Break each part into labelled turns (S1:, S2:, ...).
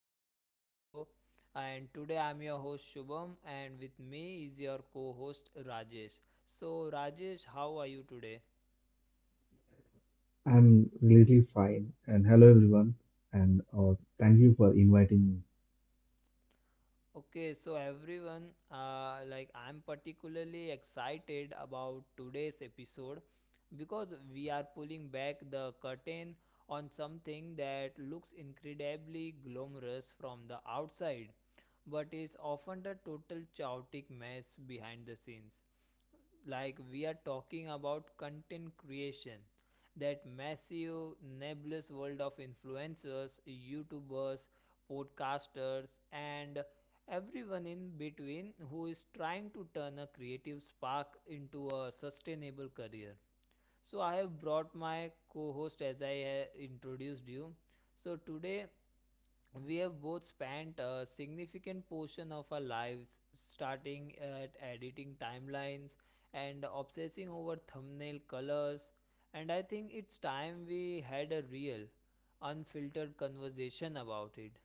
S1: back to the show. And today I'm your host Shubham, and with me is your co host Rajesh. So, Rajesh, how are you today?
S2: I'm really fine. And hello, everyone. And thank you for inviting me.
S1: Okay, so everyone, like I'm particularly excited about today's episode because we are pulling back the curtain on something that looks incredibly glamorous from the outside but is often a total chaotic mess behind the scenes. Like we are talking about content creation, that massive nebulous world of influencers, youtubers, podcasters, and everyone in between who is trying to turn a creative spark into a sustainable career. So I have brought my co-host, as I introduced you. So today we have both spent a significant portion of our lives starting at editing timelines and obsessing over thumbnail colors, and I think it's time we had a real, unfiltered conversation about it.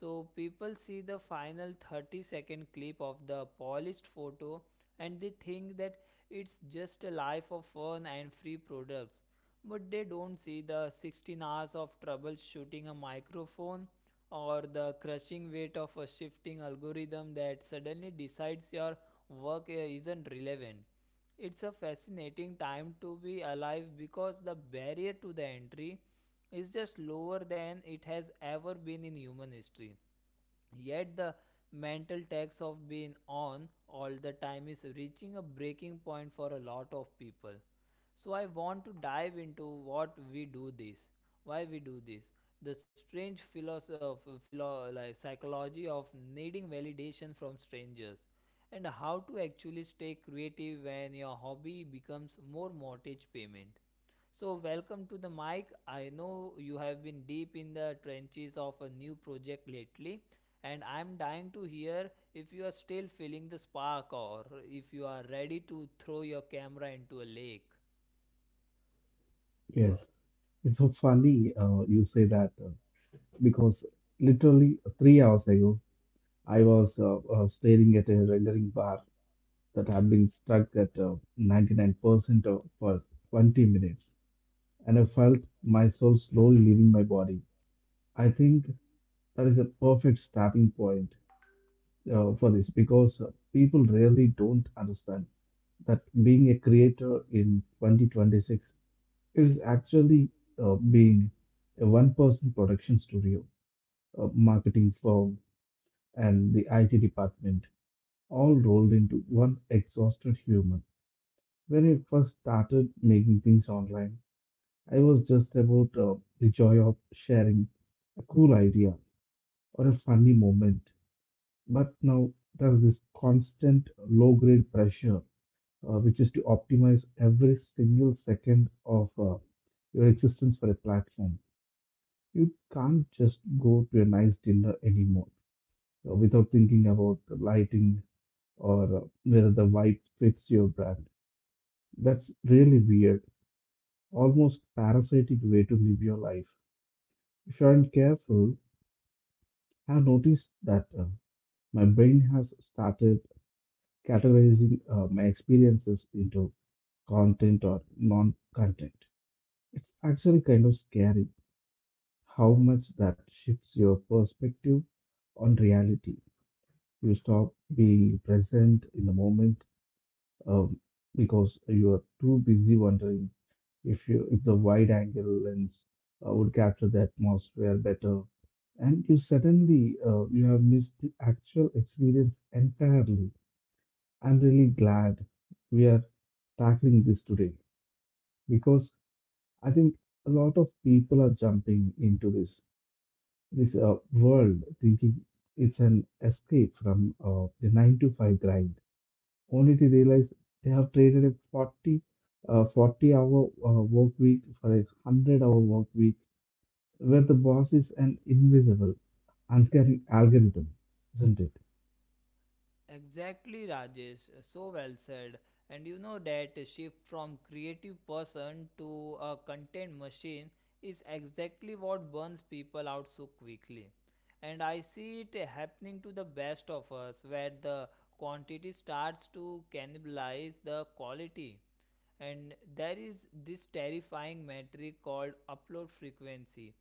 S1: So people see the final 30 second clip of the polished photo and they think that it's just a life of fun and free products. But they don't see the 16 hours of troubleshooting a microphone, or the crushing weight of a shifting algorithm that suddenly decides your work isn't relevant. It's a fascinating time to be alive because the barrier to the entry is just lower than it has ever been in human history. Yet the mental tax of being on all the time is reaching a breaking point for a lot of people. So I want to dive into what we do this, why we do this, the strange like psychology of needing validation from strangers, and how to actually stay creative when your hobby becomes more mortgage payment. So, welcome to the mic. I know you have been deep in the trenches of a new project lately, and I'm dying to hear if you are still feeling the spark or if you are ready to throw your camera into a lake.
S2: Yes, it's so funny you say that because literally 3 hours ago, I was staring at a rendering bar that had been stuck at 99% for 20 minutes. And I felt my soul slowly leaving my body. I think that is a perfect starting point for this because people really don't understand that being a creator in 2026 is actually being a one person production studio, a marketing firm, and the IT department all rolled into one exhausted human. When I first started making things online, I was just about the joy of sharing a cool idea or a funny moment. But now there's this constant low grade pressure, which is to optimize every single second of your existence for a platform. You can't just go to a nice dinner anymore without thinking about the lighting or whether the vibe fits your brand. That's really weird, almost parasitic way to live your life. If you aren't careful, I've noticed that my brain has started categorizing my experiences into content or non-content. It's actually kind of scary how much that shifts your perspective on reality. You stop being present in the moment um, because you are too busy wondering if the wide-angle lens would capture the atmosphere better, and you suddenly you have missed the actual experience entirely. I'm really glad we are tackling this today, because I think a lot of people are jumping into this world thinking it's an escape from the 9 to 5 grind, only to realize they have traded a 40 hour work week for a 100-hour work week where the boss is an invisible, uncaring algorithm, isn't it?
S1: Exactly, Rajesh. So well said. And you know, that shift from creative person to a content machine is exactly what burns people out so quickly. And I see it happening to the best of us, where the quantity starts to cannibalize the quality. And there is this terrifying metric called upload frequency,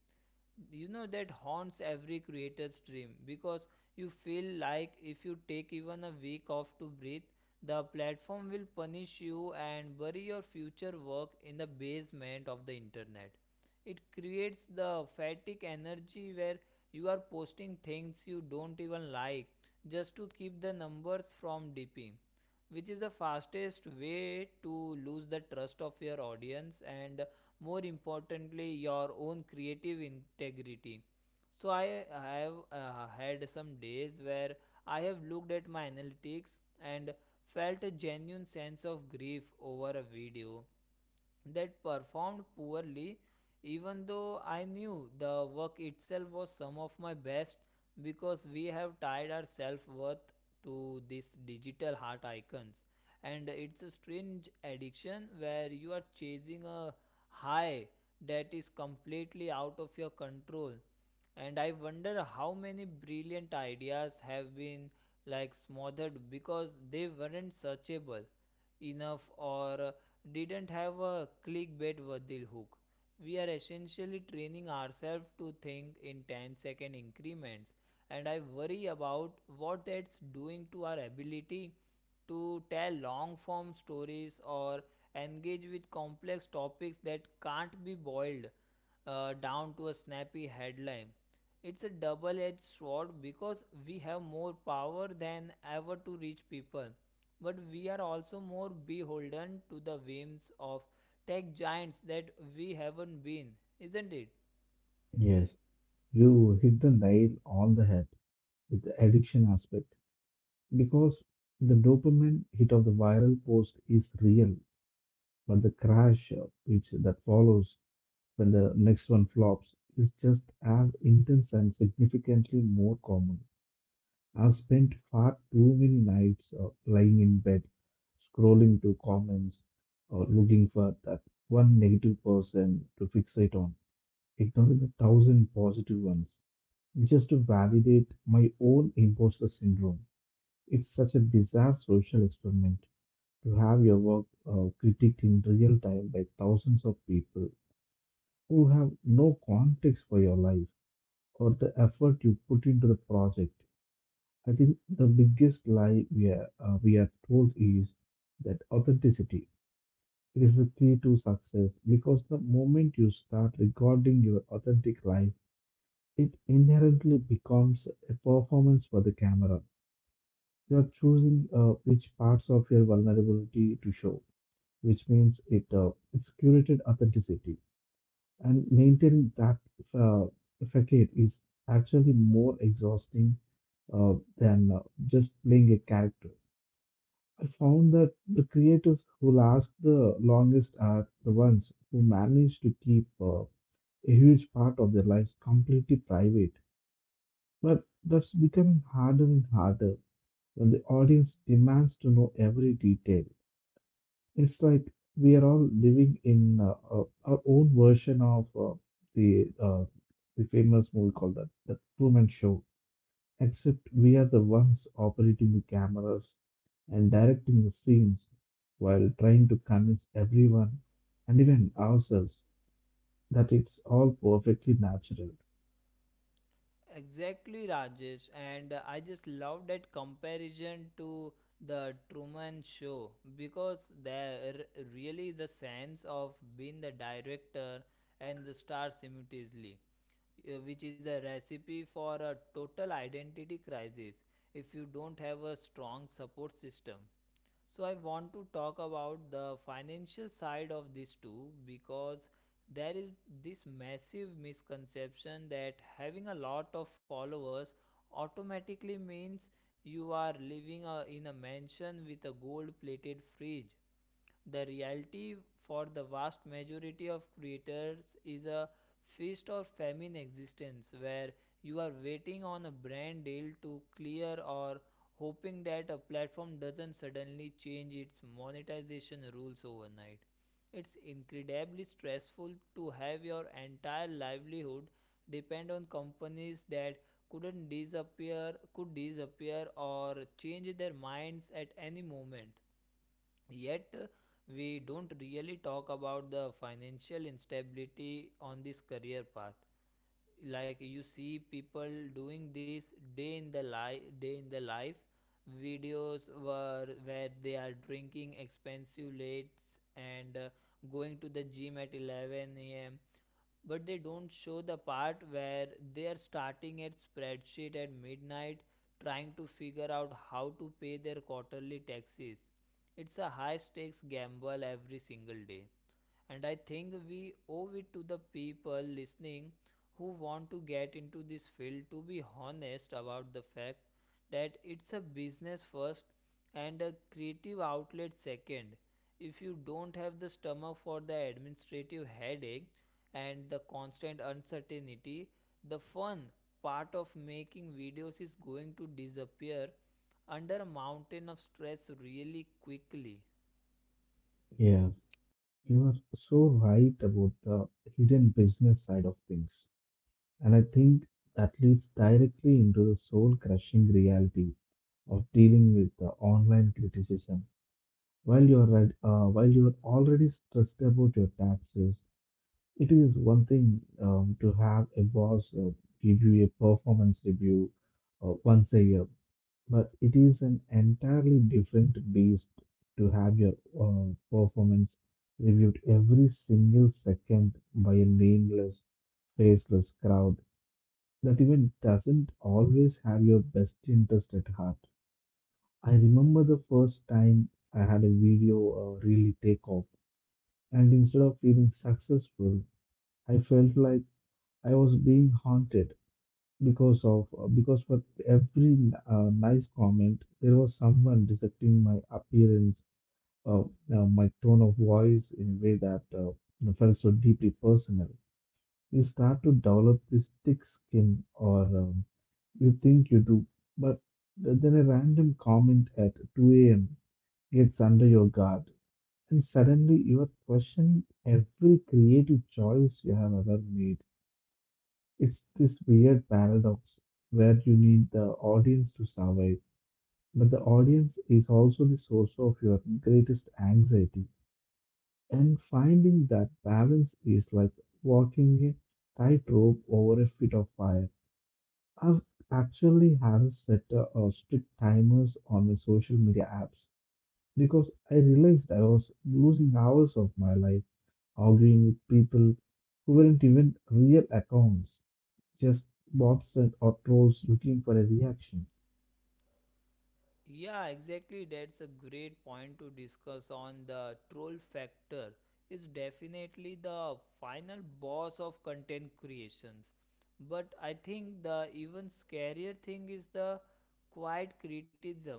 S1: you know, that haunts every creator's dream, because you feel like if you take even a week off to breathe, the platform will punish you and bury your future work in the basement of the internet. It creates the fatigue energy where you are posting things you don't even like just to keep the numbers from dipping, which is the fastest way to lose the trust of your audience and, more importantly, your own creative integrity. So I have had some days where I have looked at my analytics and felt a genuine sense of grief over a video that performed poorly, even though I knew the work itself was some of my best, because we have tied our self-worth to these digital heart icons. And it's a strange addiction where you are chasing a high that is completely out of your control. And I wonder how many brilliant ideas have been, like, smothered because they weren't searchable enough, or didn't have a clickbait worthy hook. We are essentially training ourselves to think in ten-second increments, and I worry about what that's doing to our ability to tell long form stories or engage with complex topics that can't be boiled down to a snappy headline. It's a double edged sword because we have more power than ever to reach people, but we are also more beholden to the whims of tech giants that we haven't been, isn't it?
S2: Yes, you hit the nail on the head with the addiction aspect, because the dopamine hit of the viral post is real, but the crash which that follows when the next one flops is just as intense and significantly more common. I've spent far too many nights lying in bed, scrolling to comments or looking for that one negative person to fixate on, ignoring a thousand positive ones just to validate my own imposter syndrome. It's such a bizarre social experiment to have your work critiqued in real time by thousands of people who have no context for your life or the effort you put into the project. I think the biggest lie we are told is that authenticity it is the key to success, because the moment you start recording your authentic life, it inherently becomes a performance for the camera. You are choosing which parts of your vulnerability to show, which means it's curated authenticity. And maintaining that uh, facade is actually more exhausting than just playing a character. I found that the creators who last the longest are the ones who manage to keep a huge part of their lives completely private. But that's becoming harder and harder when the audience demands to know every detail. It's like we are all living in our own version of the uh, the famous movie called the Truman Show, except we are the ones operating the cameras and directing the scenes while trying to convince everyone and even ourselves that it's all perfectly natural.
S1: Exactly, Rajesh. And I just love that comparison to the Truman Show, because there really is a sense of being the director and the star simultaneously, which is a recipe for a total identity crisis if you don't have a strong support system. So I want to talk about the financial side of this too, because there is this massive misconception that having a lot of followers automatically means you are living in a mansion with a gold plated fridge. The reality for the vast majority of creators is a feast or famine existence where you are waiting on a brand deal to clear, or hoping that a platform doesn't suddenly change its monetization rules overnight. It's incredibly stressful to have your entire livelihood depend on companies that couldn't disappear, could disappear, or change their minds at any moment. Yet we don't really talk about the financial instability on this career path. Like, you see people doing this day in the life, day in the life videos were where they are drinking expensive lates and going to the gym at 11 a.m., but they don't show the part where they are starting at spreadsheet at midnight, trying to figure out how to pay their quarterly taxes. It's a high stakes gamble every single day, and I think we owe it to the people listening who want to get into this field to be honest about the fact that it's a business first and a creative outlet second. If you don't have the stomach for the administrative headache and the constant uncertainty, the fun part of making videos is going to disappear under a mountain of stress really quickly.
S2: Yeah, you are so right about the hidden business side of things. And I think that leads directly into the soul crushing reality of dealing with the online criticism. While you are already stressed about your taxes, it is one thing to have a boss give you a performance review once a year, but it is an entirely different beast to have your performance reviewed every single second by a nameless, faceless crowd that even doesn't always have your best interest at heart. I remember the first time I had a video really take off, and instead of feeling successful, I felt like I was being haunted because of because for every nice comment there was someone dissecting my appearance, my tone of voice in a way that felt so deeply personal. You start to develop this thick skin, or you think you do, but then a random comment at 2 a.m. gets under your guard, and suddenly you are questioning every creative choice you have ever made. It's this weird paradox where you need the audience to survive, but the audience is also the source of your greatest anxiety, and finding that balance is like walking a tightrope over a fit of fire. I've actually have set strict timers on my social media apps because I realized I was losing hours of my life arguing with people who weren't even real accounts, just bots and or trolls looking for a reaction.
S1: Yeah, exactly. That's a great point to discuss on the troll factor. Is definitely the final boss of content creations. But I think the even scarier thing is the quiet criticism,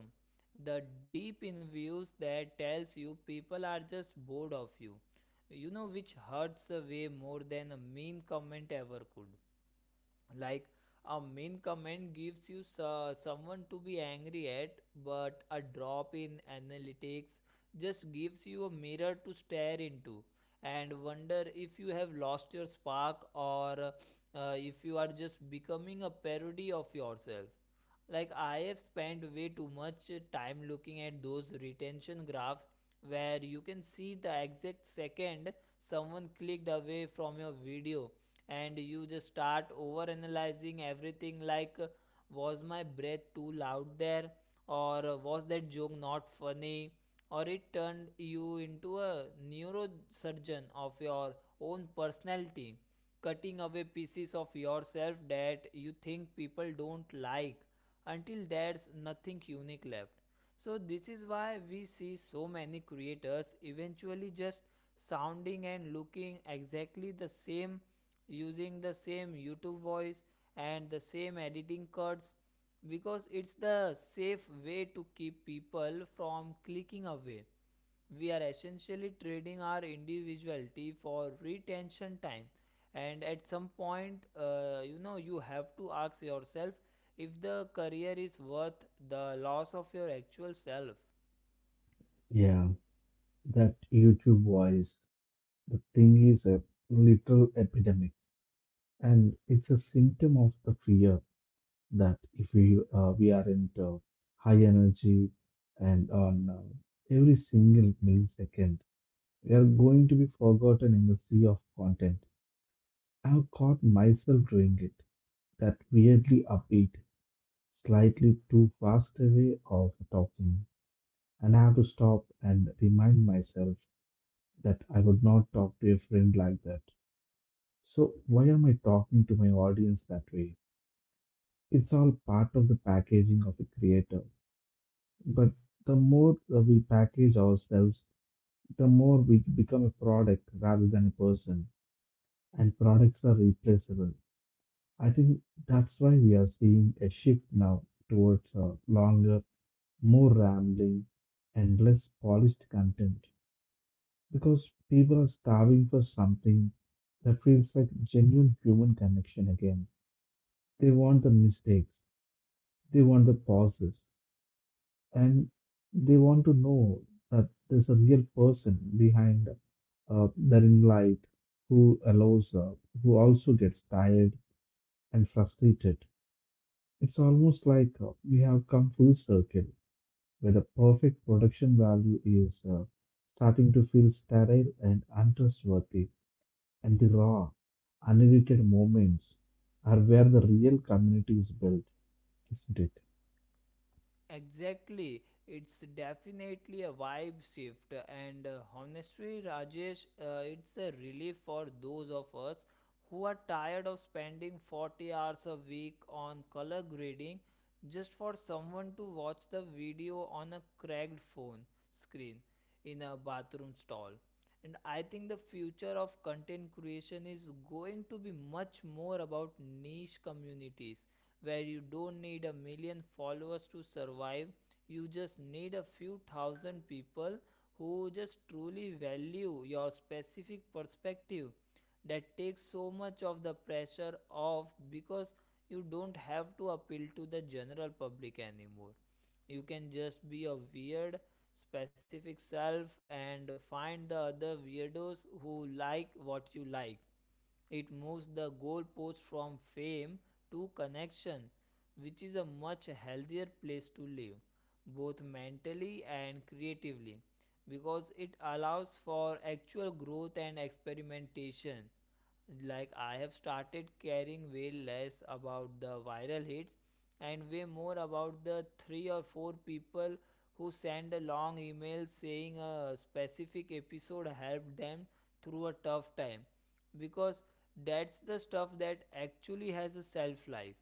S1: the deep in views that tells you people are just bored of you. You know, which hurts a way more than a mean comment ever could. Like, a mean comment gives you someone to be angry at, but a drop in analytics just gives you a mirror to stare into and wonder if you have lost your spark, or if you are just becoming a parody of yourself. Like, I have spent way too much time looking at those retention graphs where you can see the exact second someone clicked away from your video, and you just start over analyzing everything, like, was my breath too loud there, or was that joke not funny, or it turned you into a neurosurgeon of your own personality, cutting away pieces of yourself that you think people don't like, until there's nothing unique left. So, this is why we see so many creators eventually just sounding and looking exactly the same, using the same YouTube voice and the same editing cuts, because it's the safe way to keep people from clicking away. We are essentially trading our individuality for retention time, and at some point, you know, you have to ask yourself if the career is worth the loss of your actual self.
S2: Yeah, that YouTube voice, the thing is a literal epidemic, and it's a symptom of the fear that if we we are into high energy and on every single millisecond, we are going to be forgotten in the sea of content. I've caught myself doing it, that weirdly upbeat, slightly too fast way of talking, and I have to stop and remind myself that I would not talk to a friend like that, so why am I talking to my audience that way? It's all part of the packaging of a creator. But the more we package ourselves, the more we become a product rather than a person, and products are replaceable. I think that's why we are seeing a shift now towards longer, more rambling, and less polished content, because people are starving for something that feels like genuine human connection again. They want the mistakes, they want the pauses, and they want to know that there's a real person behind their in light who allows, who also gets tired and frustrated. It's almost like we have come full circle where the perfect production value is starting to feel sterile and untrustworthy, and the raw, unedited moments are where the real community is built, isn't it?
S1: Exactly, it's definitely a vibe shift, and honestly, Rajesh, it's a relief for those of us who are tired of spending 40 hours a week on color grading just for someone to watch the video on a cracked phone screen in a bathroom stall. And I think the future of content creation is going to be much more about niche communities where you don't need a million followers to survive. You just need a few thousand people who just truly value your specific perspective. That takes so much of the pressure off, because you don't have to appeal to the general public anymore. You can just be a weird, specific self and find the other weirdos who like what you like. It moves the goalpost from fame to connection, which is a much healthier place to live both mentally and creatively, because it allows for actual growth and experimentation. Like, I have started caring way less about the viral hits and way more about the three or four people who send a long email saying a specific episode helped them through a tough time, because that's the stuff that actually has a self life.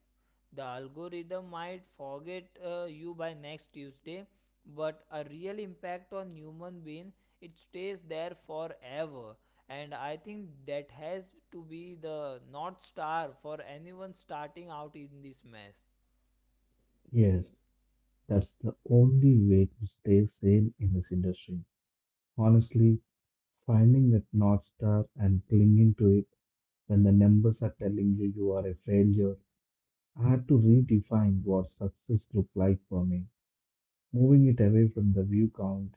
S1: The algorithm might forget you by next Tuesday, but a real impact on human being, it stays there forever. And I think that has to be the north star for anyone starting out in this mess.
S2: Yes, that's the only way to stay sane in this industry. Honestly, finding that North Star and clinging to it when the numbers are telling you you are a failure. I had to redefine what success looked like for me, moving it away from the view count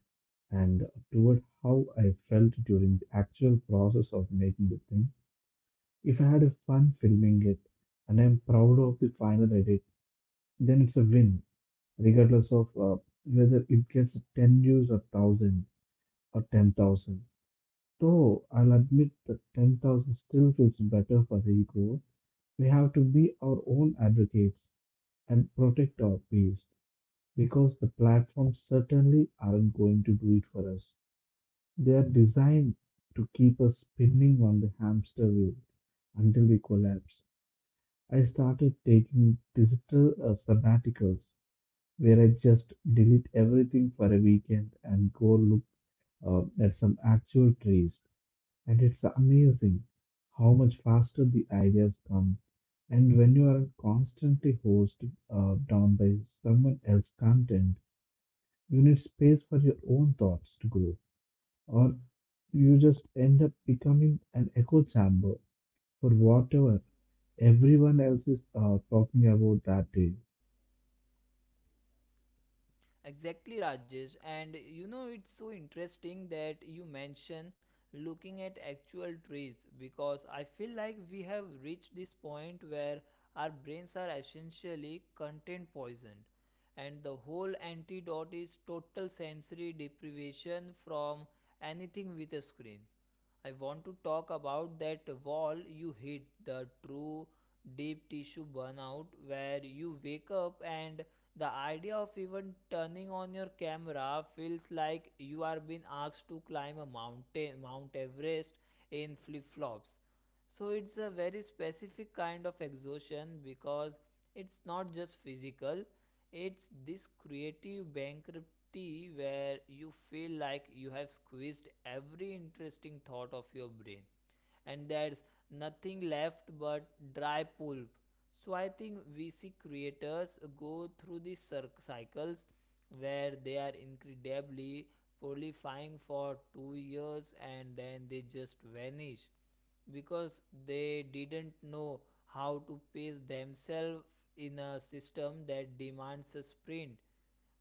S2: and toward how I felt during the actual process of making the thing. If I had a fun filming it and I'm proud of the final edit, then it's a win, regardless of whether it gets 10 views or 1000 or 10,000. Though I'll admit that 10,000 still feels better for the ego, we have to be our own advocates and protect our peace because the platforms certainly aren't going to do it for us. They are designed to keep us spinning on the hamster wheel until we collapse. I started taking digital sabbaticals where I just delete everything for a weekend and go look at some actual trees. And it's amazing how much faster the ideas come. And when you are constantly hosted down by someone else's content, you need space for your own thoughts to grow, or you just end up becoming an echo chamber for whatever everyone else is talking about that day.
S1: Exactly, Rajesh. And you know, it's so interesting that you mention looking at actual trees, because I feel like we have reached this point where our brains are essentially content poisoned, and the whole antidote is total sensory deprivation from anything with a screen. I want to talk about that wall you hit, the true deep tissue burnout, where you wake up and the idea of even turning on your camera feels like you are being asked to climb a mountain, Mount Everest, in flip flops. So it's a very specific kind of exhaustion, because it's not just physical, it's this creative bankruptcy where you feel like you have squeezed every interesting thought of your brain and there's nothing left but dry pulp. So I think VC creators go through these cycles where they are incredibly prolifying for 2 years and then they just vanish because they didn't know how to pace themselves in a system that demands a sprint.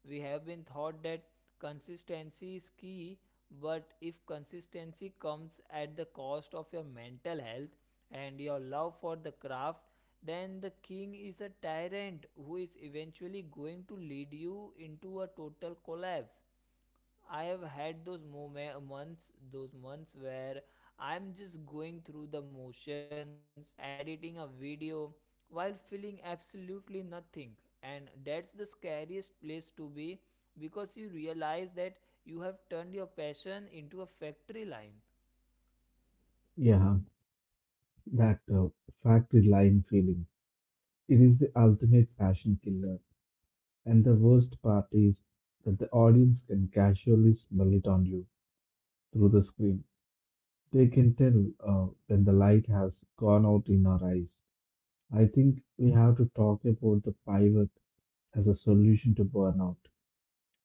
S1: We have been taught that consistency is key, but if consistency comes at the cost of your mental health and your love for the craft, then the king is a tyrant who is eventually going to lead you into a total collapse. I have had those months where I'm just going through the motions, editing a video while feeling absolutely nothing. And that's the scariest place to be because you realize that you have turned your passion into a factory line.
S2: Yeah, that factory line feeling. It is the ultimate passion killer, and the worst part is that the audience can casually smell it on you through the screen. They can tell when the light has gone out in our eyes. I think we have to talk about the pivot as a solution to burnout,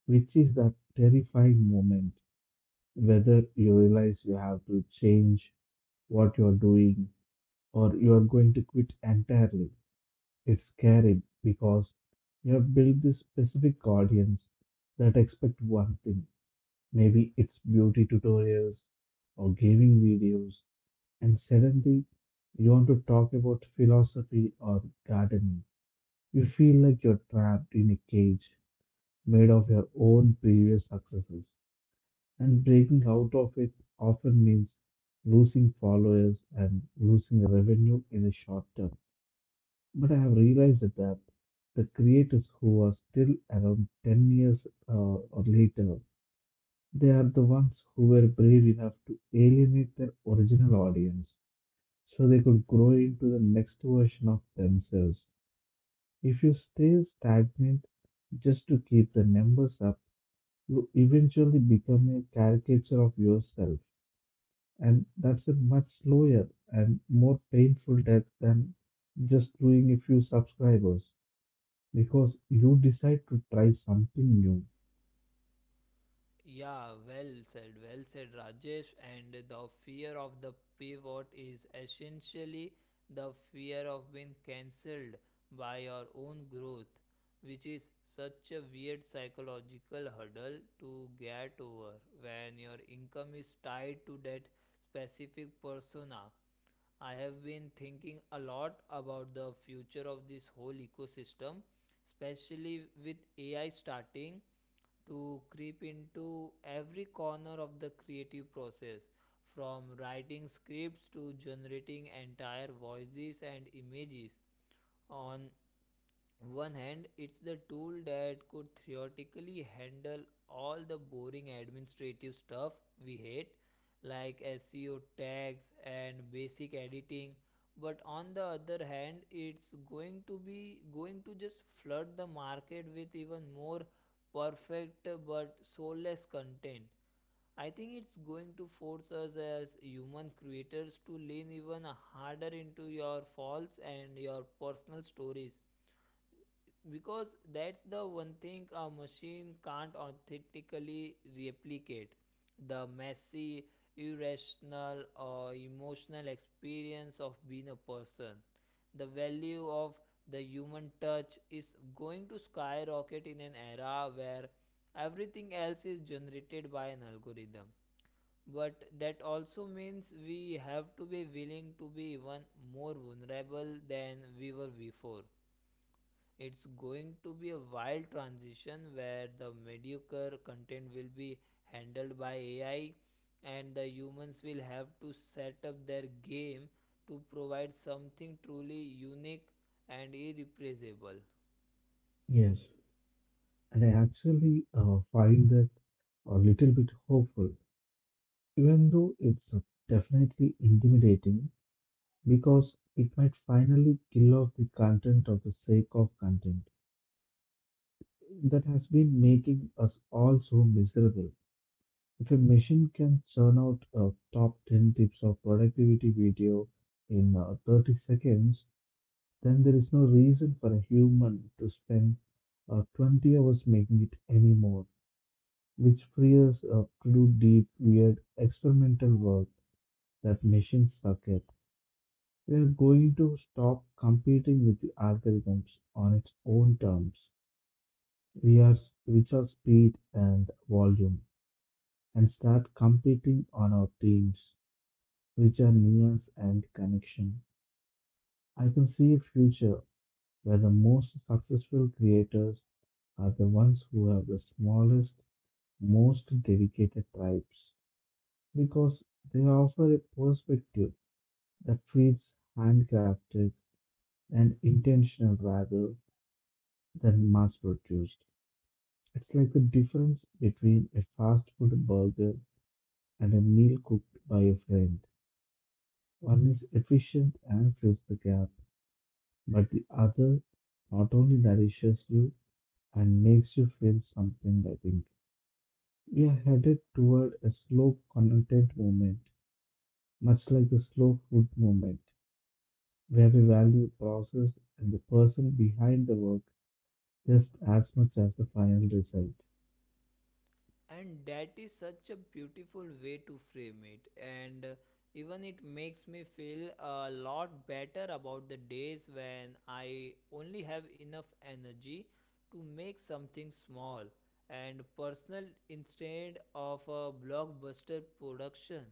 S2: which is that terrifying moment whether you realize you have to change what you're doing or you're going to quit entirely. It's scary because you have built this specific audience that expect one thing. Maybe it's beauty tutorials or gaming videos, and suddenly you want to talk about philosophy or gardening. You feel like you're trapped in a cage made of your own previous successes, and breaking out of it often means losing followers and losing revenue in the short term. But I have realized that the creators who are still around 10 years or later, they are the ones who were brave enough to alienate their original audience so they could grow into the next version of themselves. If you stay stagnant just to keep the numbers up, you eventually become a caricature of yourself. And that's a much slower and more painful death than just losing a few subscribers, because you decide to try something new.
S1: Yeah, well said, Rajesh. And the fear of the pivot is essentially the fear of being cancelled by your own growth, which is such a weird psychological hurdle to get over when your income is tied to that specific persona. I have been thinking a lot about the future of this whole ecosystem, especially with AI starting to creep into every corner of the creative process, from writing scripts to generating entire voices and images. On one hand, it's the tool that could theoretically handle all the boring administrative stuff we hate, like SEO tags and basic editing. But on the other hand, it's going to just flood the market with even more perfect but soulless content. I think it's going to force us as human creators to lean even harder into your faults and your personal stories because that's the one thing a machine can't authentically replicate, the messy, irrational or emotional experience of being a person. The value of the human touch is going to skyrocket in an era where everything else is generated by an algorithm, but that also means we have to be willing to be even more vulnerable than we were before. It's going to be a wild transition where the mediocre content will be handled by AI and the humans will have to set up their game to provide something truly unique and irreplaceable.
S2: Yes. And I actually find that a little bit hopeful, even though it's definitely intimidating because it might finally kill off the content of the sake of content that has been making us all so miserable. If a machine can churn out a top 10 tips of productivity video in 30 seconds, then there is no reason for a human to spend 20 hours making it anymore, which frees up to do deep, weird, experimental work that machines suck at. We are going to stop competing with the algorithms on its own terms, we are, which are speed and volume, and start competing on our teams, which are nuance and connection. I can see a future where the most successful creators are the ones who have the smallest, most dedicated tribes because they offer a perspective that feels handcrafted and intentional rather than mass produced. It's like the difference between a fast food burger and a meal cooked by a friend. One is efficient and fills the gap, but the other not only nourishes you and makes you feel something, I think. We are headed toward a slow content movement, much like the slow food movement, where we value process and the person behind the work just as much as the final result.
S1: And that is such a beautiful way to frame it, and even it makes me feel a lot better about the days when I only have enough energy to make something small and personal instead of a blockbuster production.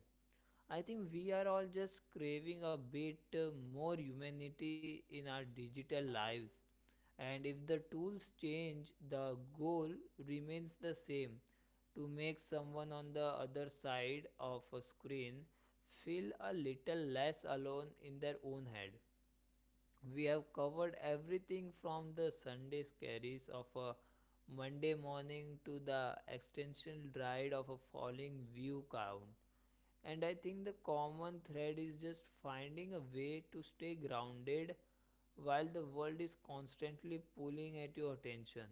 S1: I think we are all just craving a bit more humanity in our digital lives. And if the tools change, the goal remains the same, to make someone on the other side of a screen feel a little less alone in their own head. We have covered everything from the Sunday scaries of a Monday morning to the existential dread of a falling view count, and I think the common thread is just finding a way to stay grounded while the world is constantly pulling at your attention.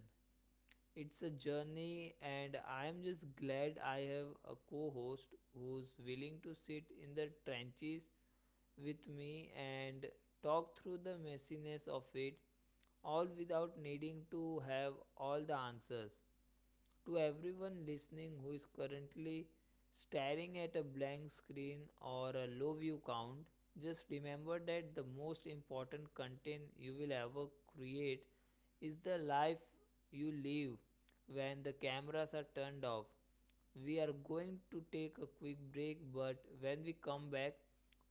S1: It's a journey, and I am just glad I have a co-host who's willing to sit in the trenches with me and talk through the messiness of it all without needing to have all the answers. To everyone listening who is currently staring at a blank screen or a low view count, just remember that the most important content you will ever create is the life you live when the cameras are turned off. We are going to take a quick break, but when we come back,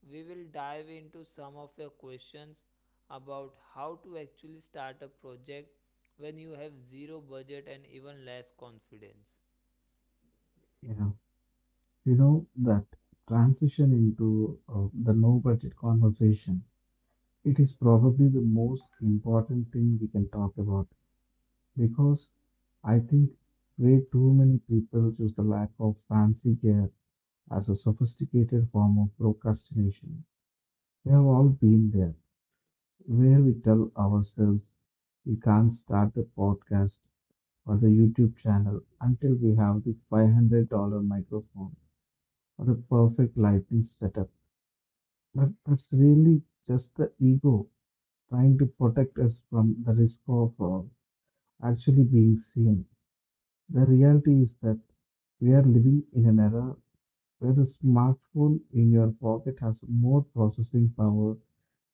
S1: we will dive into some of your questions about how to actually start a project when you have zero budget and even less confidence.
S2: Yeah, you know that transition into the no budget conversation. It is probably the most important thing we can talk about because I think way too many people choose the lack of fancy gear as a sophisticated form of procrastination. We have all been there, where we tell ourselves we can't start a podcast or the YouTube channel until we have the $500 microphone or the perfect lighting setup. But that's really just the ego trying to protect us from the risk of actually being seen. The reality is that we are living in an era where the smartphone in your pocket has more processing power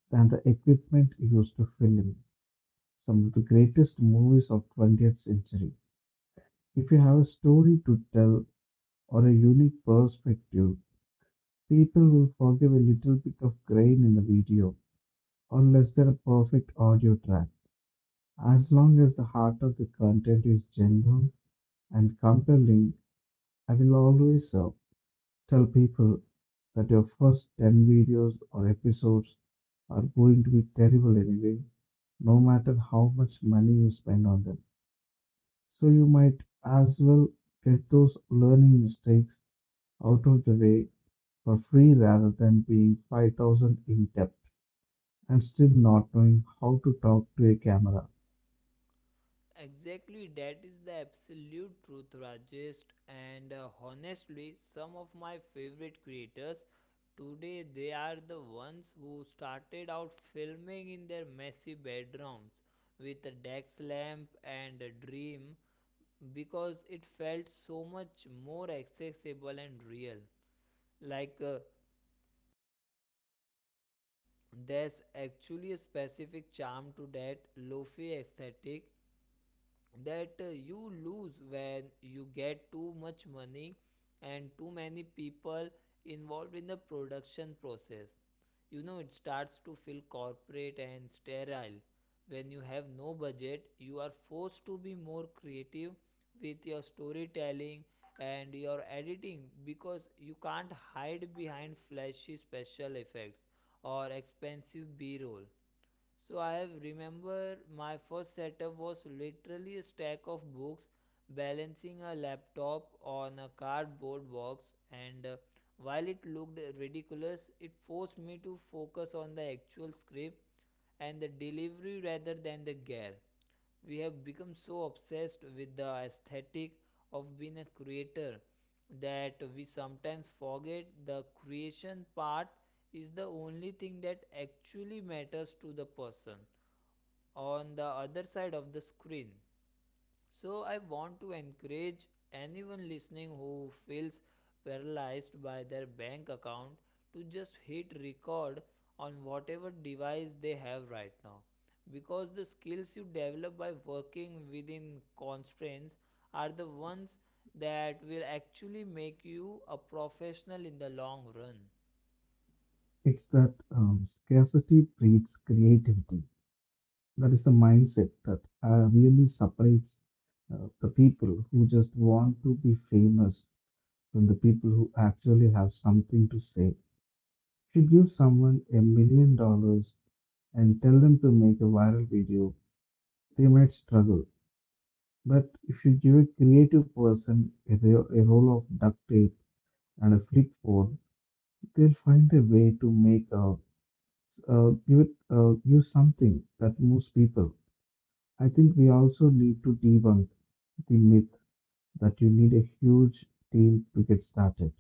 S2: than the equipment used to film some of the greatest movies of 20th century. If you have a story to tell or a unique perspective, people will forgive a little bit of grain in the video or less than a perfect audio track. As long as the heart of the content is genuine and compelling, I will always tell people that your first 10 videos or episodes are going to be terrible anyway, no matter how much money you spend on them. So you might as well get those learning mistakes out of the way for free rather than being 5,000 in debt and still not knowing how to talk to a camera.
S1: Exactly, that is the absolute truth, Rajesh. And honestly, some of my favorite creators today, they are the ones who started out filming in their messy bedrooms with a desk lamp and a dream because it felt so much more accessible and real. Like there's actually a specific charm to that lofi aesthetic that you lose when you get too much money and too many people involved in the production process. You know, it starts to feel corporate and sterile. When you have no budget, you are forced to be more creative with your storytelling and your editing because you can't hide behind flashy special effects or expensive B roll. So I have remember my first setup was literally a stack of books balancing a laptop on a cardboard box, and while it looked ridiculous, it forced me to focus on the actual script and the delivery rather than the gear. We have become so obsessed with the aesthetic of being a creator that we sometimes forget the creation part is the only thing that actually matters to the person on the other side of the screen. So, I want to encourage anyone listening who feels paralyzed by their bank account to just hit record on whatever device they have right now, because the skills you develop by working within constraints are the ones that will actually make you a professional in the long run.
S2: It's that scarcity breeds creativity. That is the mindset that really separates the people who just want to be famous from the people who actually have something to say. If you give someone $1 million and tell them to make a viral video, they might struggle. But if you give a creative person a roll of duct tape and a flip phone, they'll find a way to make a, give it, give something that moves people. I think we also need to debunk the myth that you need a huge team to get started,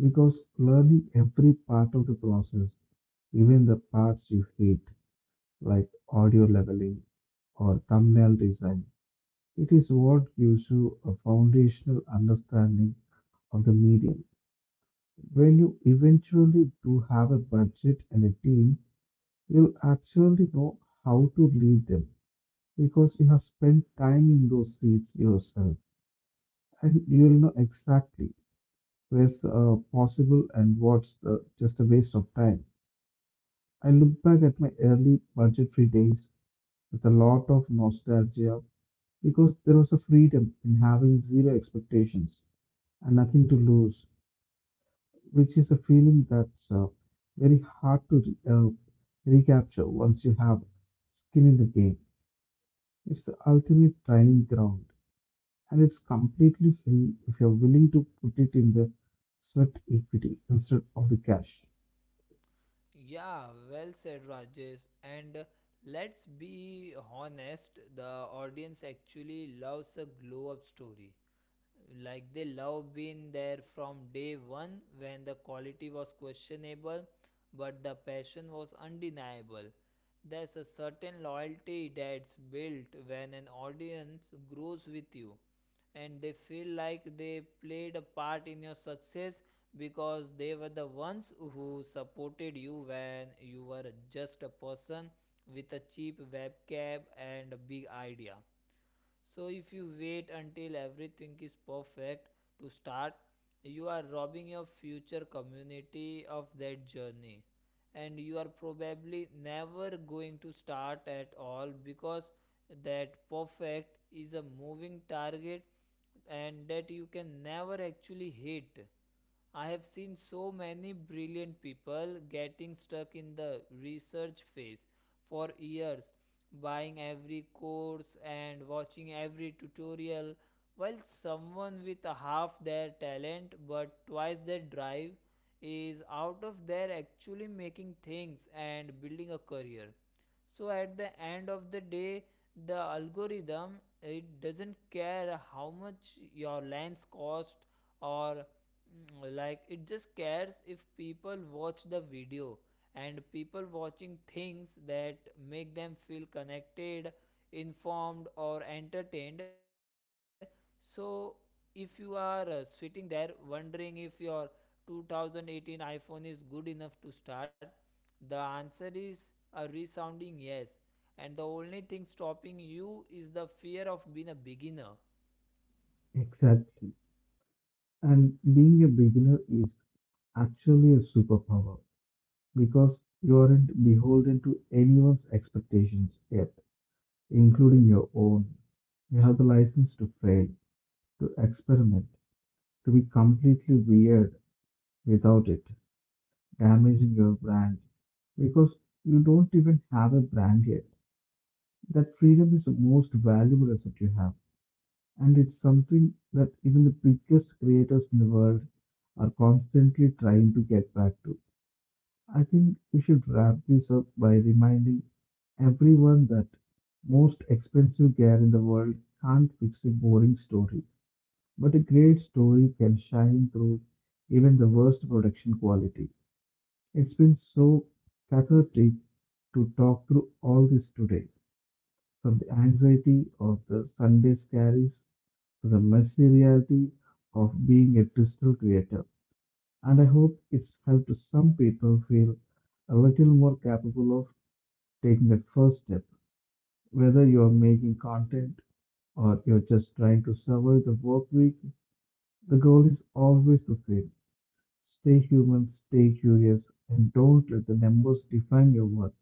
S2: because learning every part of the process, even the parts you hate, like audio leveling or thumbnail design, it is what gives you a foundational understanding of the medium. When you eventually do have a budget and a team, you'll actually know how to lead them because you have spent time in those seats yourself, and you'll know exactly where's possible and what's the, just a waste of time. I look back at my early budget free days with a lot of nostalgia because there was a freedom in having zero expectations and nothing to lose, which is a feeling that's very hard to recapture once you have skin in the game. It's the ultimate training ground, and it's completely free if you're willing to put it in the sweat equity instead of the cash.
S1: Yeah, well said, Rajesh. And let's be honest, the audience actually loves a glow up story. Like, they love been there from day one, when the quality was questionable but the passion was undeniable. There's a certain loyalty that's built when an audience grows with you, and they feel like they played a part in your success because they were the ones who supported you when you were just a person with a cheap webcam and a big idea. So if you wait until everything is perfect to start, you are robbing your future community of that journey. And you are probably never going to start at all, because that perfect is a moving target and that you can never actually hit. I have seen so many brilliant people getting stuck in the research phase for years, buying every course and watching every tutorial, while someone with half their talent but twice their drive is out of there actually making things and building a career. So at the end of the day, the algorithm, it doesn't care how much your lens cost or like, it just cares if people watch the video. And people watching things that make them feel connected, informed or entertained. So if you are sitting there wondering if your 2018 iPhone is good enough to start, the answer is a resounding yes. And the only thing stopping you is the fear of being a beginner.
S2: Exactly. And being a beginner is actually a superpower because you aren't beholden to anyone's expectations yet, including your own. You have the license to fail, to experiment, to be completely weird without it damaging your brand because you don't even have a brand yet. That freedom is the most valuable asset you have, and it's something that even the biggest creators in the world are constantly trying to get back to. I think we should wrap this up by reminding everyone that most expensive gear in the world can't fix a boring story. But a great story can shine through even the worst production quality. It's been so cathartic to talk through all this today, from the anxiety of the Sunday scaries to the messy reality of being a digital creator. And I hope it's helped some people feel a little more capable of taking that first step, whether you're making content or you're just trying to survive the work week. The goal is always the same. Stay human, stay curious, and don't let the numbers define your worth.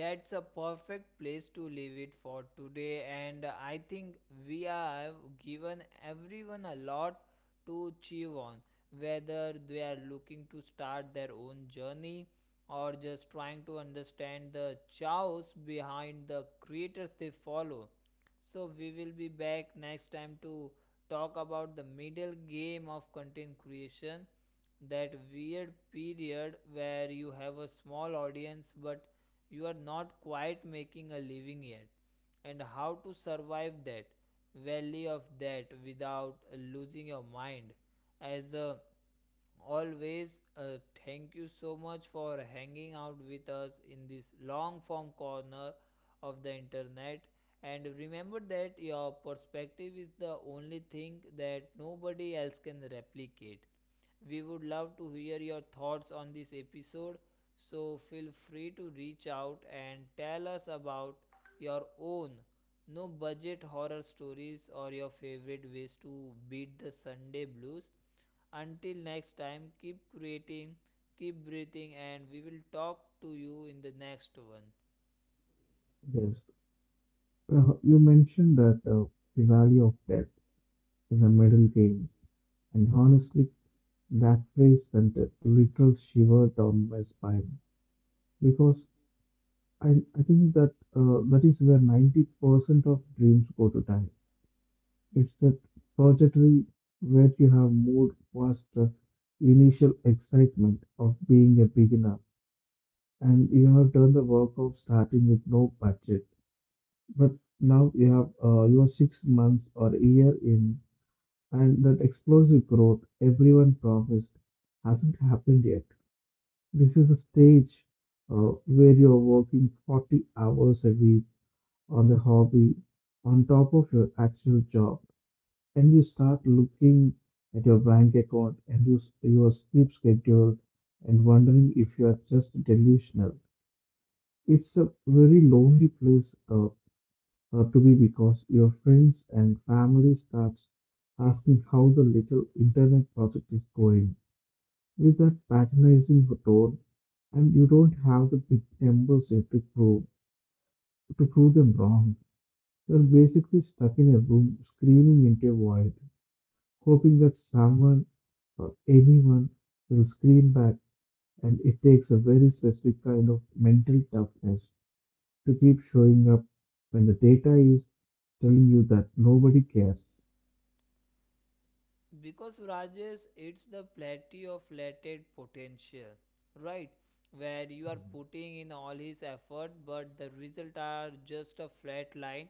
S1: That's a perfect place to leave it for today, and I think we have given everyone a lot to chew on, whether they are looking to start their own journey or just trying to understand the chaos behind the creators they follow. So, we will be back next time to talk about the middle game of content creation, that weird period where you have a small audience but you are not quite making a living yet, and how to survive that valley of that without losing your mind. As always, thank you so much for hanging out with us in this long form corner of the internet. And remember that your perspective is the only thing that nobody else can replicate. We would love to hear your thoughts on this episode, so feel free to reach out and tell us about your own no budget horror stories or your favorite ways to beat the Sunday blues. Until next time, keep creating, keep breathing, and we will talk to you in the next one.
S2: Yes, you mentioned that the value of death is a middle game, and honestly, that phrase sent a literal shiver down my spine because I, I think that that is where 90% of dreams go to die. It's that trajectory where you have moved past the initial excitement of being a beginner, and you have done the work of starting with no budget, but now you have you 6 months or a year in, and that explosive growth everyone promised hasn't happened yet. This is the stage where you are working 40 hours a week on the hobby, on top of your actual job, and you start looking at your bank account and your sleep schedule and wondering if you are just delusional. It's a very lonely place to be because your friends and family starts asking how the little internet project is going with that patronizing tone, and you don't have the big numbers yet to prove them wrong. You're basically stuck in a room screaming into a void, hoping that someone or anyone will scream back, and it takes a very specific kind of mental toughness to keep showing up when the data is telling you that nobody cares.
S1: Because, Rajesh, it's the plateau of latent potential, right, where you are putting in all his effort but the result are just a flat line,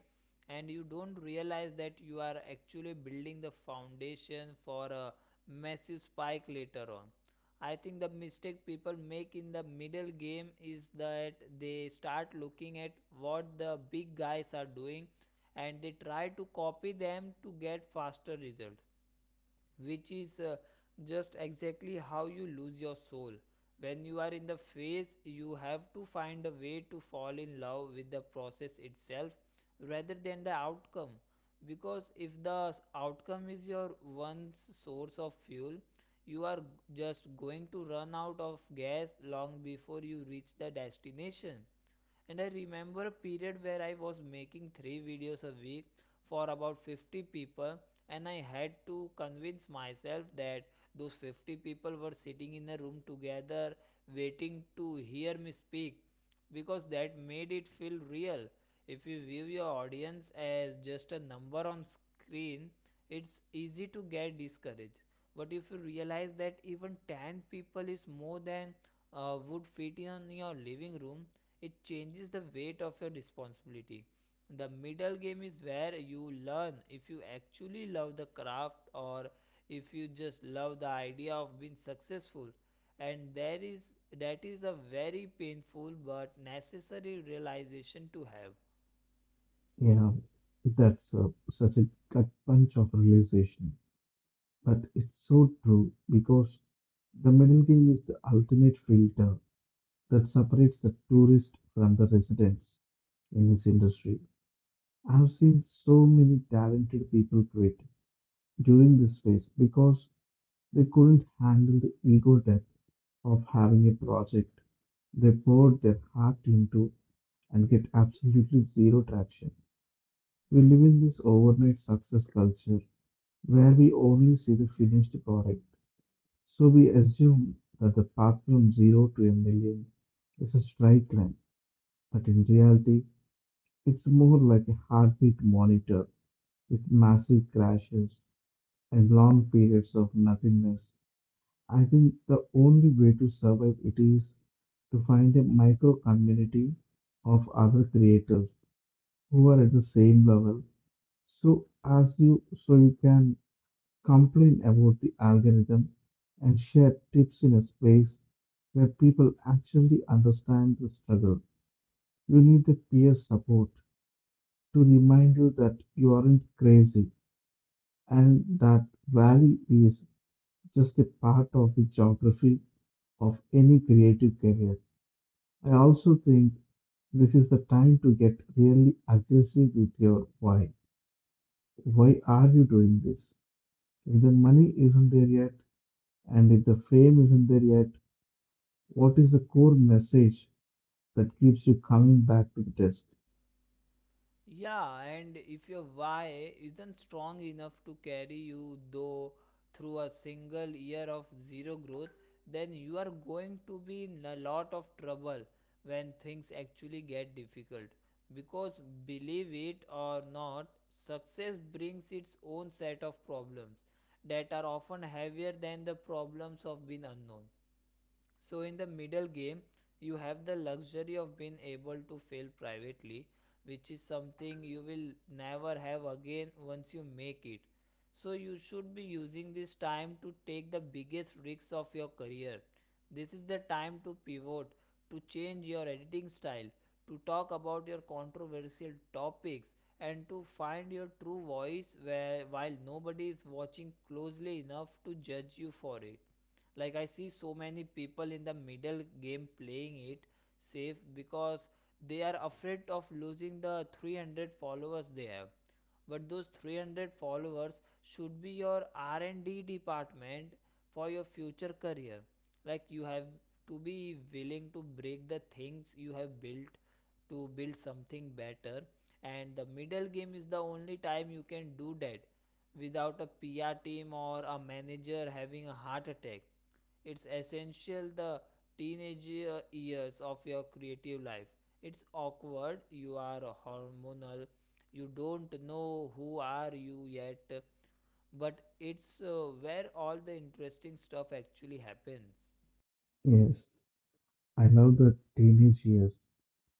S1: and you don't realize that you are actually building the foundation for a massive spike later on. I think the mistake people make in the middle game is that they start looking at what the big guys are doing and they try to copy them to get faster results, which is just exactly how you lose your soul. When you are in the phase, you have to find a way to fall in love with the process itself rather than the outcome. Because if the outcome is your one source of fuel, you are just going to run out of gas long before you reach the destination. And I remember a period where I was making three videos a week for about 50 people, and I had to convince myself that those 50 people were sitting in a room together waiting to hear me speak because that made it feel real. If you view your audience as just a number on screen, it's easy to get discouraged. But if you realize that even 10 people is more than would fit in your living room, it changes the weight of your responsibility. The middle game is where you learn if you actually love the craft or if you just love the idea of being successful. And there is That is a very painful but necessary realization to have.
S2: Yeah, that's such a gut punch of realization. But it's so true because the middle game is the ultimate filter that separates the tourist from the residents in this industry. I've seen so many talented people quit during this phase because they couldn't handle the ego death of having a project they poured their heart into and get absolutely zero traction. We live in this overnight success culture where we only see the finished product. So we assume that the path from zero to a million is a straight line, but in reality, it's more like a heartbeat monitor with massive crashes and long periods of nothingness. I think the only way to survive it is to find a micro community of other creators who are at the same level. So you can complain about the algorithm and share tips in a space where people actually understand the struggle. You need the peer support to remind you that you aren't crazy, and that valley is just a part of the geography of any creative career. I also think this is the time to get really aggressive with your why. Why are you doing this? If the money isn't there yet, and if the frame isn't there yet, what is the core message that keeps you coming back to the desk?
S1: Yeah, and if your why isn't strong enough to carry you though through a single year of zero growth, then you are going to be in a lot of trouble when things actually get difficult. Because believe it or not, success brings its own set of problems that are often heavier than the problems of being unknown. So in the middle game, you have the luxury of being able to fail privately, which is something you will never have again once you make it. So you should be using this time to take the biggest risks of your career. This is the time to pivot, to change your editing style, to talk about your controversial topics and to find your true voice where while nobody is watching closely enough to judge you for it. Like I see so many people in the middle game playing it safe because they are afraid of losing the 300 followers they have, but those 300 followers should be your R&D department for your future career. Like you have to be willing to break the things you have built to build something better, and the middle game is the only time you can do that without a PR team or a manager having a heart attack. It's essential the teenage years of your creative life. It's awkward, you are hormonal, you don't know who are you yet, but it's where all the interesting stuff actually happens.
S2: Yes, I love the teenage years,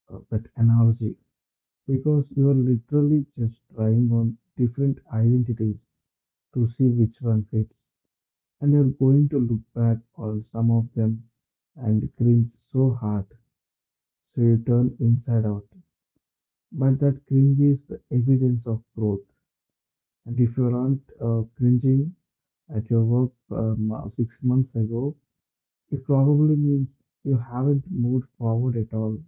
S2: that analogy, because you are literally just trying on different identities to see which one fits, and you're going to look back on some of them and cringe so hard, so you turn inside out. But that cringe is the evidence of growth, and if you aren't cringing at your work 6 months ago, it probably means you haven't moved forward at all.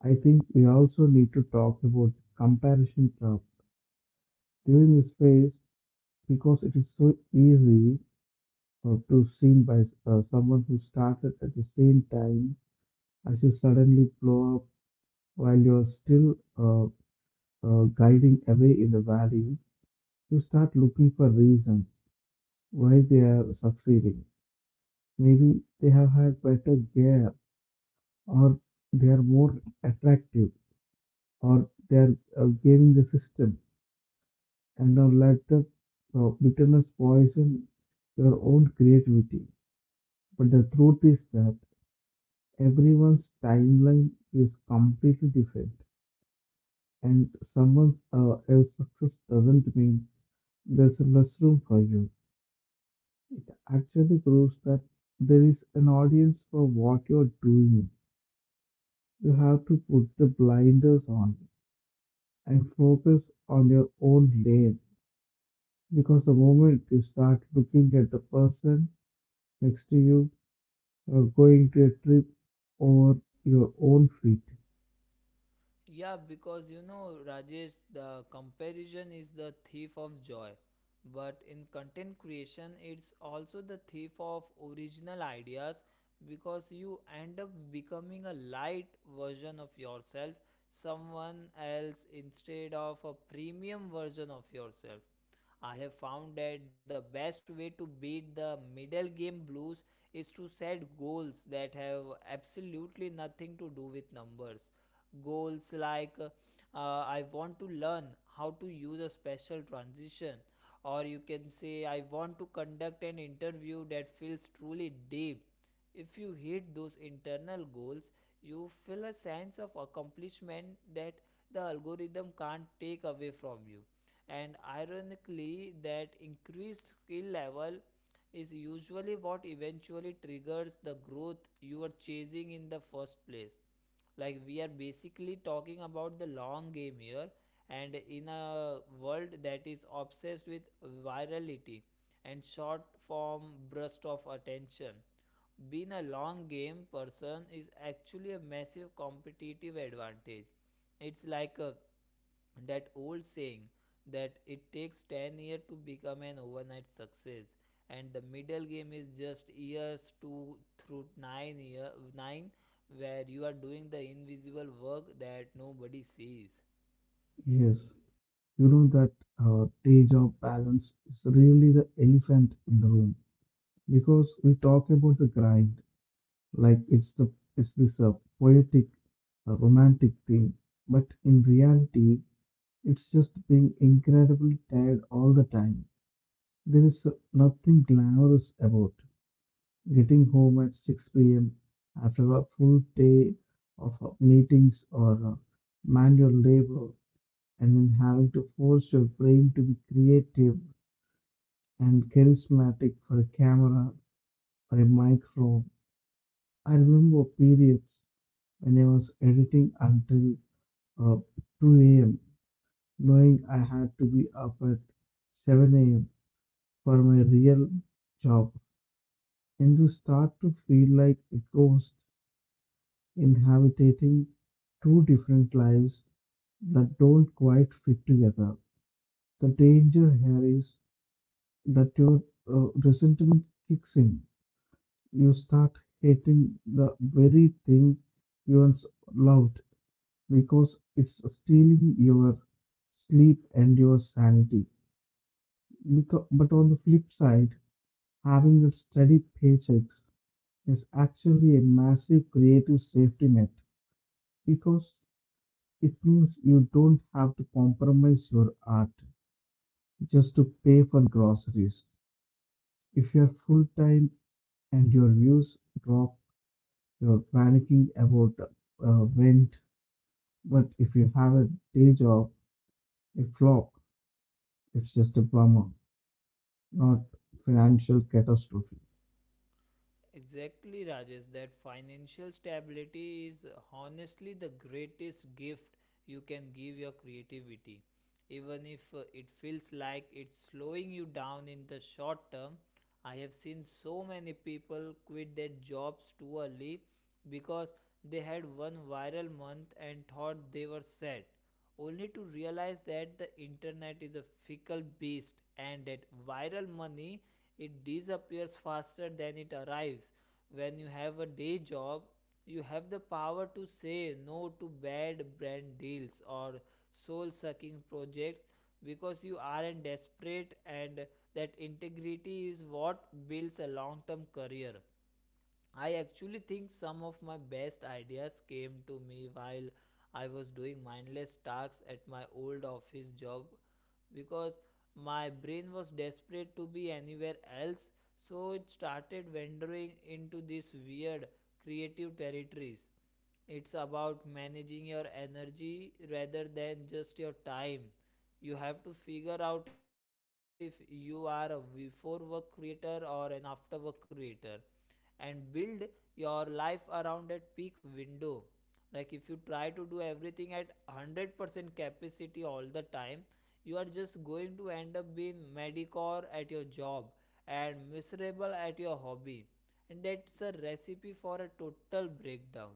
S2: I think we also need to talk about comparison trap during this phase because it is so easy to seen by someone who started at the same time as you suddenly blow up while you're still guiding away in the valley. You start looking for reasons why they are succeeding. Maybe they have had better gear, or they are more attractive, or they are gaming the system, and now let the bitterness poison your own creativity. But the truth is that everyone's timeline is completely different, and someone else's success doesn't mean there's less room for you. Actually, proves that there is an audience for what you're doing. You have to put the blinders on and focus on your own lane. Because the moment you start looking at the person next to you, you're going to a trip over your own feet.
S1: Yeah, because Rajesh, the comparison is the thief of joy. But in content creation, it's also the thief of original ideas because you end up becoming a light version of yourself, someone else, instead of a premium version of yourself. I have found that the best way to beat the middle game blues is to set goals that have absolutely nothing to do with numbers. Goals like I want to learn how to use a special transition, or you can say, I want to conduct an interview that feels truly deep. If you hit those internal goals, you feel a sense of accomplishment that the algorithm can't take away from you, and ironically that increased skill level is usually what eventually triggers the growth you are chasing in the first place. Like we are basically talking about the long game here, and in a world that is obsessed with virality and short form burst of attention, being a long game person is actually a massive competitive advantage. It's like that old saying that it takes 10 years to become an overnight success, and the middle game is just years to through 9 year 9, where you are doing the invisible work that nobody sees.
S2: Yes. You know that day job balance is really the elephant in the room because we talk about the grind like it's this poetic, romantic thing, but in reality, it's just being incredibly tired all the time. There is nothing glamorous about getting home at 6 p.m. after a full day of meetings or manual labor, and then having to force your brain to be creative and charismatic for a camera or a microphone. I remember periods when I was editing until uh, 2 a.m., knowing I had to be up at 7 a.m. for my real job, and to start to feel like a ghost inhabiting two different lives that don't quite fit together. The danger here is that your resentment kicks in. You start hating the very thing you once loved because it's stealing your sleep and your sanity. But on the flip side, having a steady paycheck is actually a massive creative safety net because it means you don't have to compromise your art just to pay for groceries. If you're full time and your views drop, you're panicking about rent. But if you have a day job, a flop, it's just a bummer, not financial catastrophe.
S1: Exactly, Rajesh. That financial stability is honestly the greatest gift you can give your creativity. Even if it feels like it's slowing you down in the short term, I have seen so many people quit their jobs too early because they had one viral month and thought they were set, only to realize that the internet is a fickle beast and that viral money, it disappears faster than it arrives. When you have a day job, you have the power to say no to bad brand deals or soul sucking projects because you aren't desperate, and that integrity is what builds a long term career. I actually think some of my best ideas came to me while I was doing mindless tasks at my old office job because my brain was desperate to be anywhere else, so it started wandering into these weird creative territories. It's about managing your energy rather than just your time. You have to figure out if you are a before work creator or an after work creator and build your life around that peak window. Like if you try to do everything at 100% capacity all the time, you are just going to end up being mediocre at your job and miserable at your hobby, and that's a recipe for a total breakdown.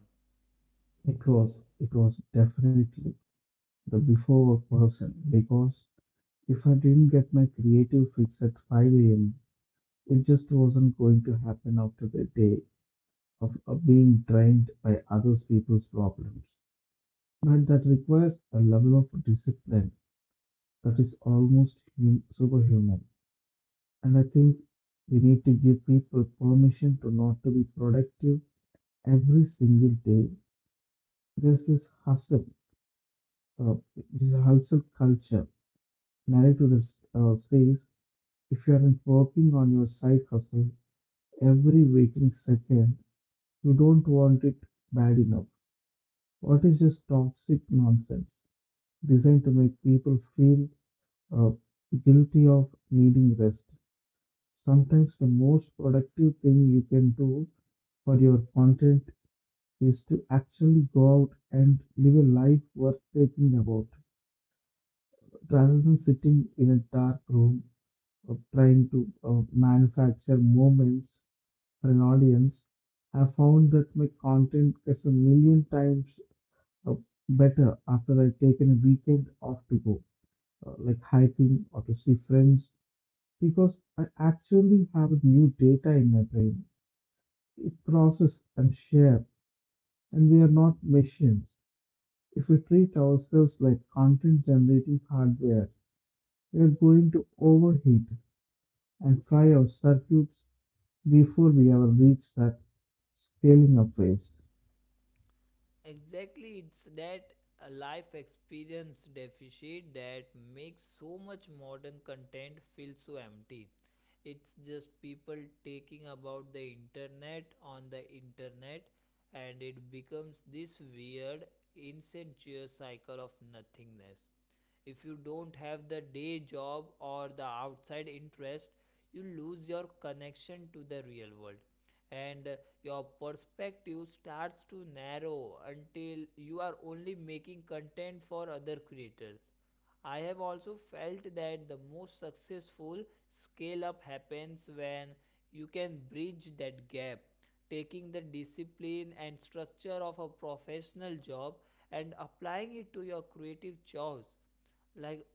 S2: It was definitely the before person because if I didn't get my creative fix at 5 a.m., it just wasn't going to happen after the day of being drained by other people's problems. But that requires a level of discipline that is almost superhuman. And I think we need to give people permission to not to be productive every single day. There's uh, this hustle culture narrative that says if you aren't working on your side hustle every waking second, you don't want it bad enough. What is just toxic nonsense, designed to make people feel uh, guilty of needing rest? Sometimes the most productive thing you can do for your content is to actually go out and live a life worth thinking about rather than sitting in a dark room trying to manufacture moments for an audience. I found that my content gets a million times uh, better after I've taken a weekend off to go, like hiking or to see friends, because I actually have new data in my brain It process and share, and we are not machines. If we treat ourselves like content generating hardware, we are going to overheat and fry our circuits before we ever reach that scaling up phase.
S1: Exactly, it's that life experience deficit that makes so much modern content feel so empty. It's just people taking about the internet on the internet, and it becomes this weird, incestuous cycle of nothingness. If you don't have the day job or the outside interest, you lose your connection to the real world, and your perspective starts to narrow until you are only making content for other creators. I have also felt that the most successful scale up happens when you can bridge that gap, taking the discipline and structure of a professional job and applying it to your creative choice. Like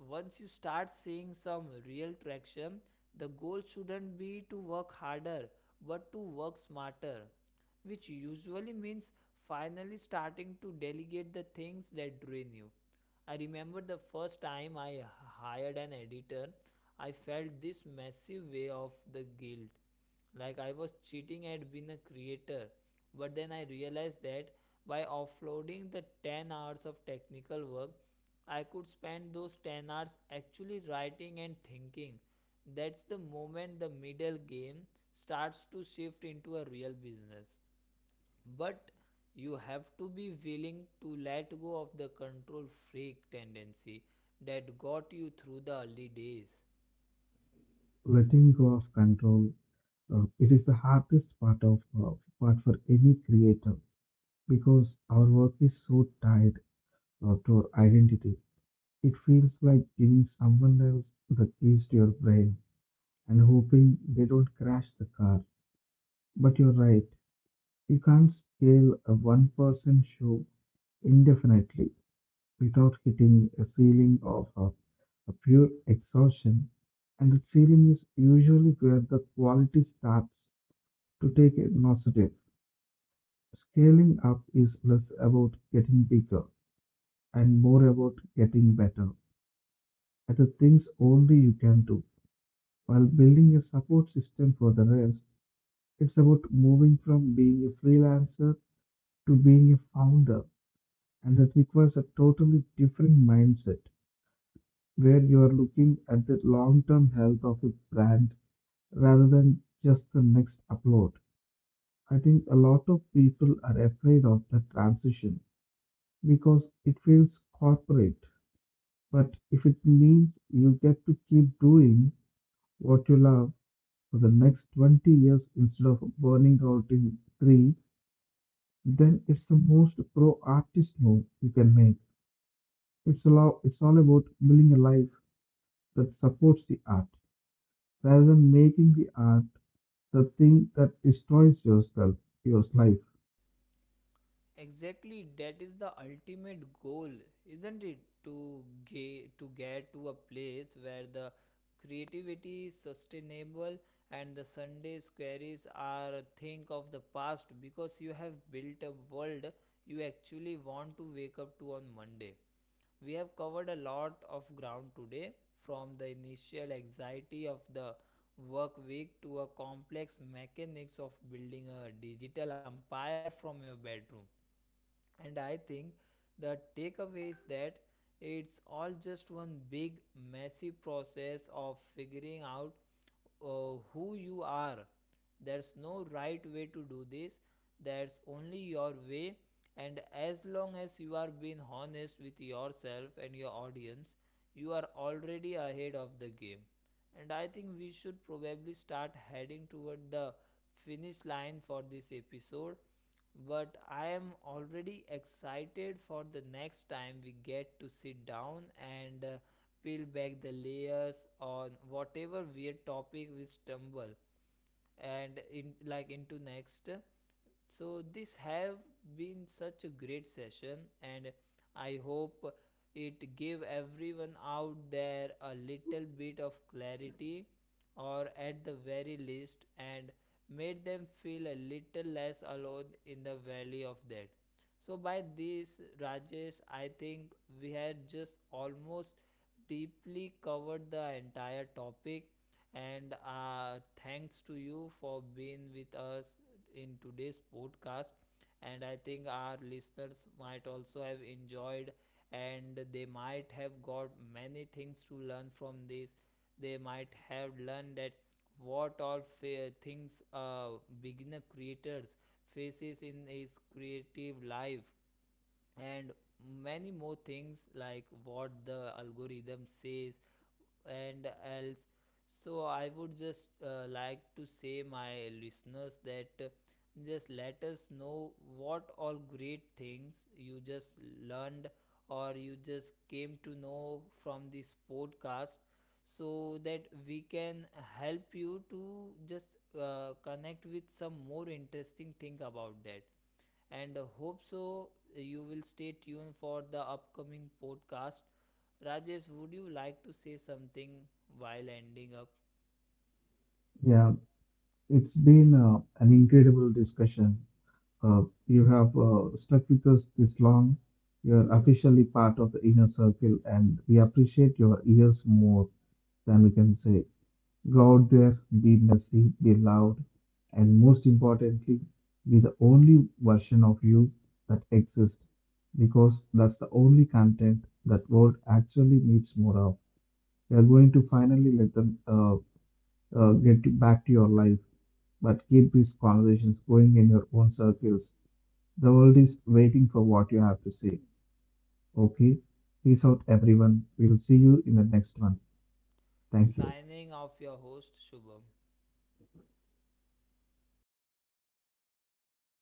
S1: once you start seeing some real traction, the goal shouldn't be to work harder but to work smarter, which usually means finally starting to delegate the things that drain you. I remember the first time I hired an editor, I felt this massive way of the guilt. Like I was cheating at being a creator. But then I realized that by offloading the 10 hours of technical work, I could spend those 10 hours actually writing and thinking. That's the moment the middle game starts to shift into a real business, but you have to be willing to let go of the control freak tendency that got you through the early days.
S2: Letting go of control, it is the hardest part for any creator because our work is so tied to your identity. It feels like giving someone else the keys to your brain and hoping they don't crash the car. But you're right, you can't scale a one person show indefinitely without hitting a ceiling of a pure exhaustion, and the ceiling is usually where the quality starts to take a nosedive. Scaling up is less about getting bigger and more about getting better at the things only you can do, while building a support system for the rest. It's about moving from being a freelancer to being a founder, and that requires a totally different mindset where you are looking at the long term health of a brand rather than just the next upload. I think a lot of people are afraid of the transition because it feels corporate. But if it means you get to keep doing what you love for the next 20 years instead of burning out in three, then it's the most pro artist move you can make. It's all about building a life that supports the art rather than making the art the thing that destroys yourself, your life.
S1: Exactly, that is the ultimate goal, isn't it, to get to a place where the creativity is sustainable and the sunday squares are a thing of the past because you have built a world you actually want to wake up to on monday. We have covered a lot of ground today, from the initial anxiety of the work week to a complex mechanics of building a digital empire from your bedroom. And I think the takeaway is that it's all just one big, messy process of figuring out who you are. There's no right way to do this, there's only your way. And as long as you are being honest with yourself and your audience, you are already ahead of the game. And I think we should probably start heading toward the finish line for this episode. But I am already excited for the next time we get to sit down and peel back the layers on whatever weird topic we stumble and in like into next. So this have been such a great session, and I hope it gave everyone out there a little bit of clarity or at the very least and made them feel a little less alone in the valley of that. So by this, rajesh, I think we had just almost deeply covered the entire topic, and thanks to you for being with us in today's podcast. And I think our listeners might also have enjoyed, and they might have got many things to learn from this. They might have learned that what all things beginner creators faces in his creative life, and many more things like what the algorithm says and else. So I would just like to say my listeners that just let us know what all great things you just learned or you just came to know from this podcast, so that we can help you to just connect with some more interesting thing about that, and hope so you will stay tuned for the upcoming podcast. Rajesh, would you like to say something while ending up?
S2: Yeah, it's been an incredible discussion. You have stuck with us this long. You're officially part of the inner circle, and we appreciate your ears more than we can say. God there be mercy, be loved, and most importantly, be the only version of you that exists because that's the only content that world actually needs more of. We are going to finally let them get you back to your life, but keep these conversations going in your own circles. The world is waiting for what you have to say. Okay? Peace out, everyone. We'll see you in the next one. Thank you.
S1: Signing off your host, Shubham.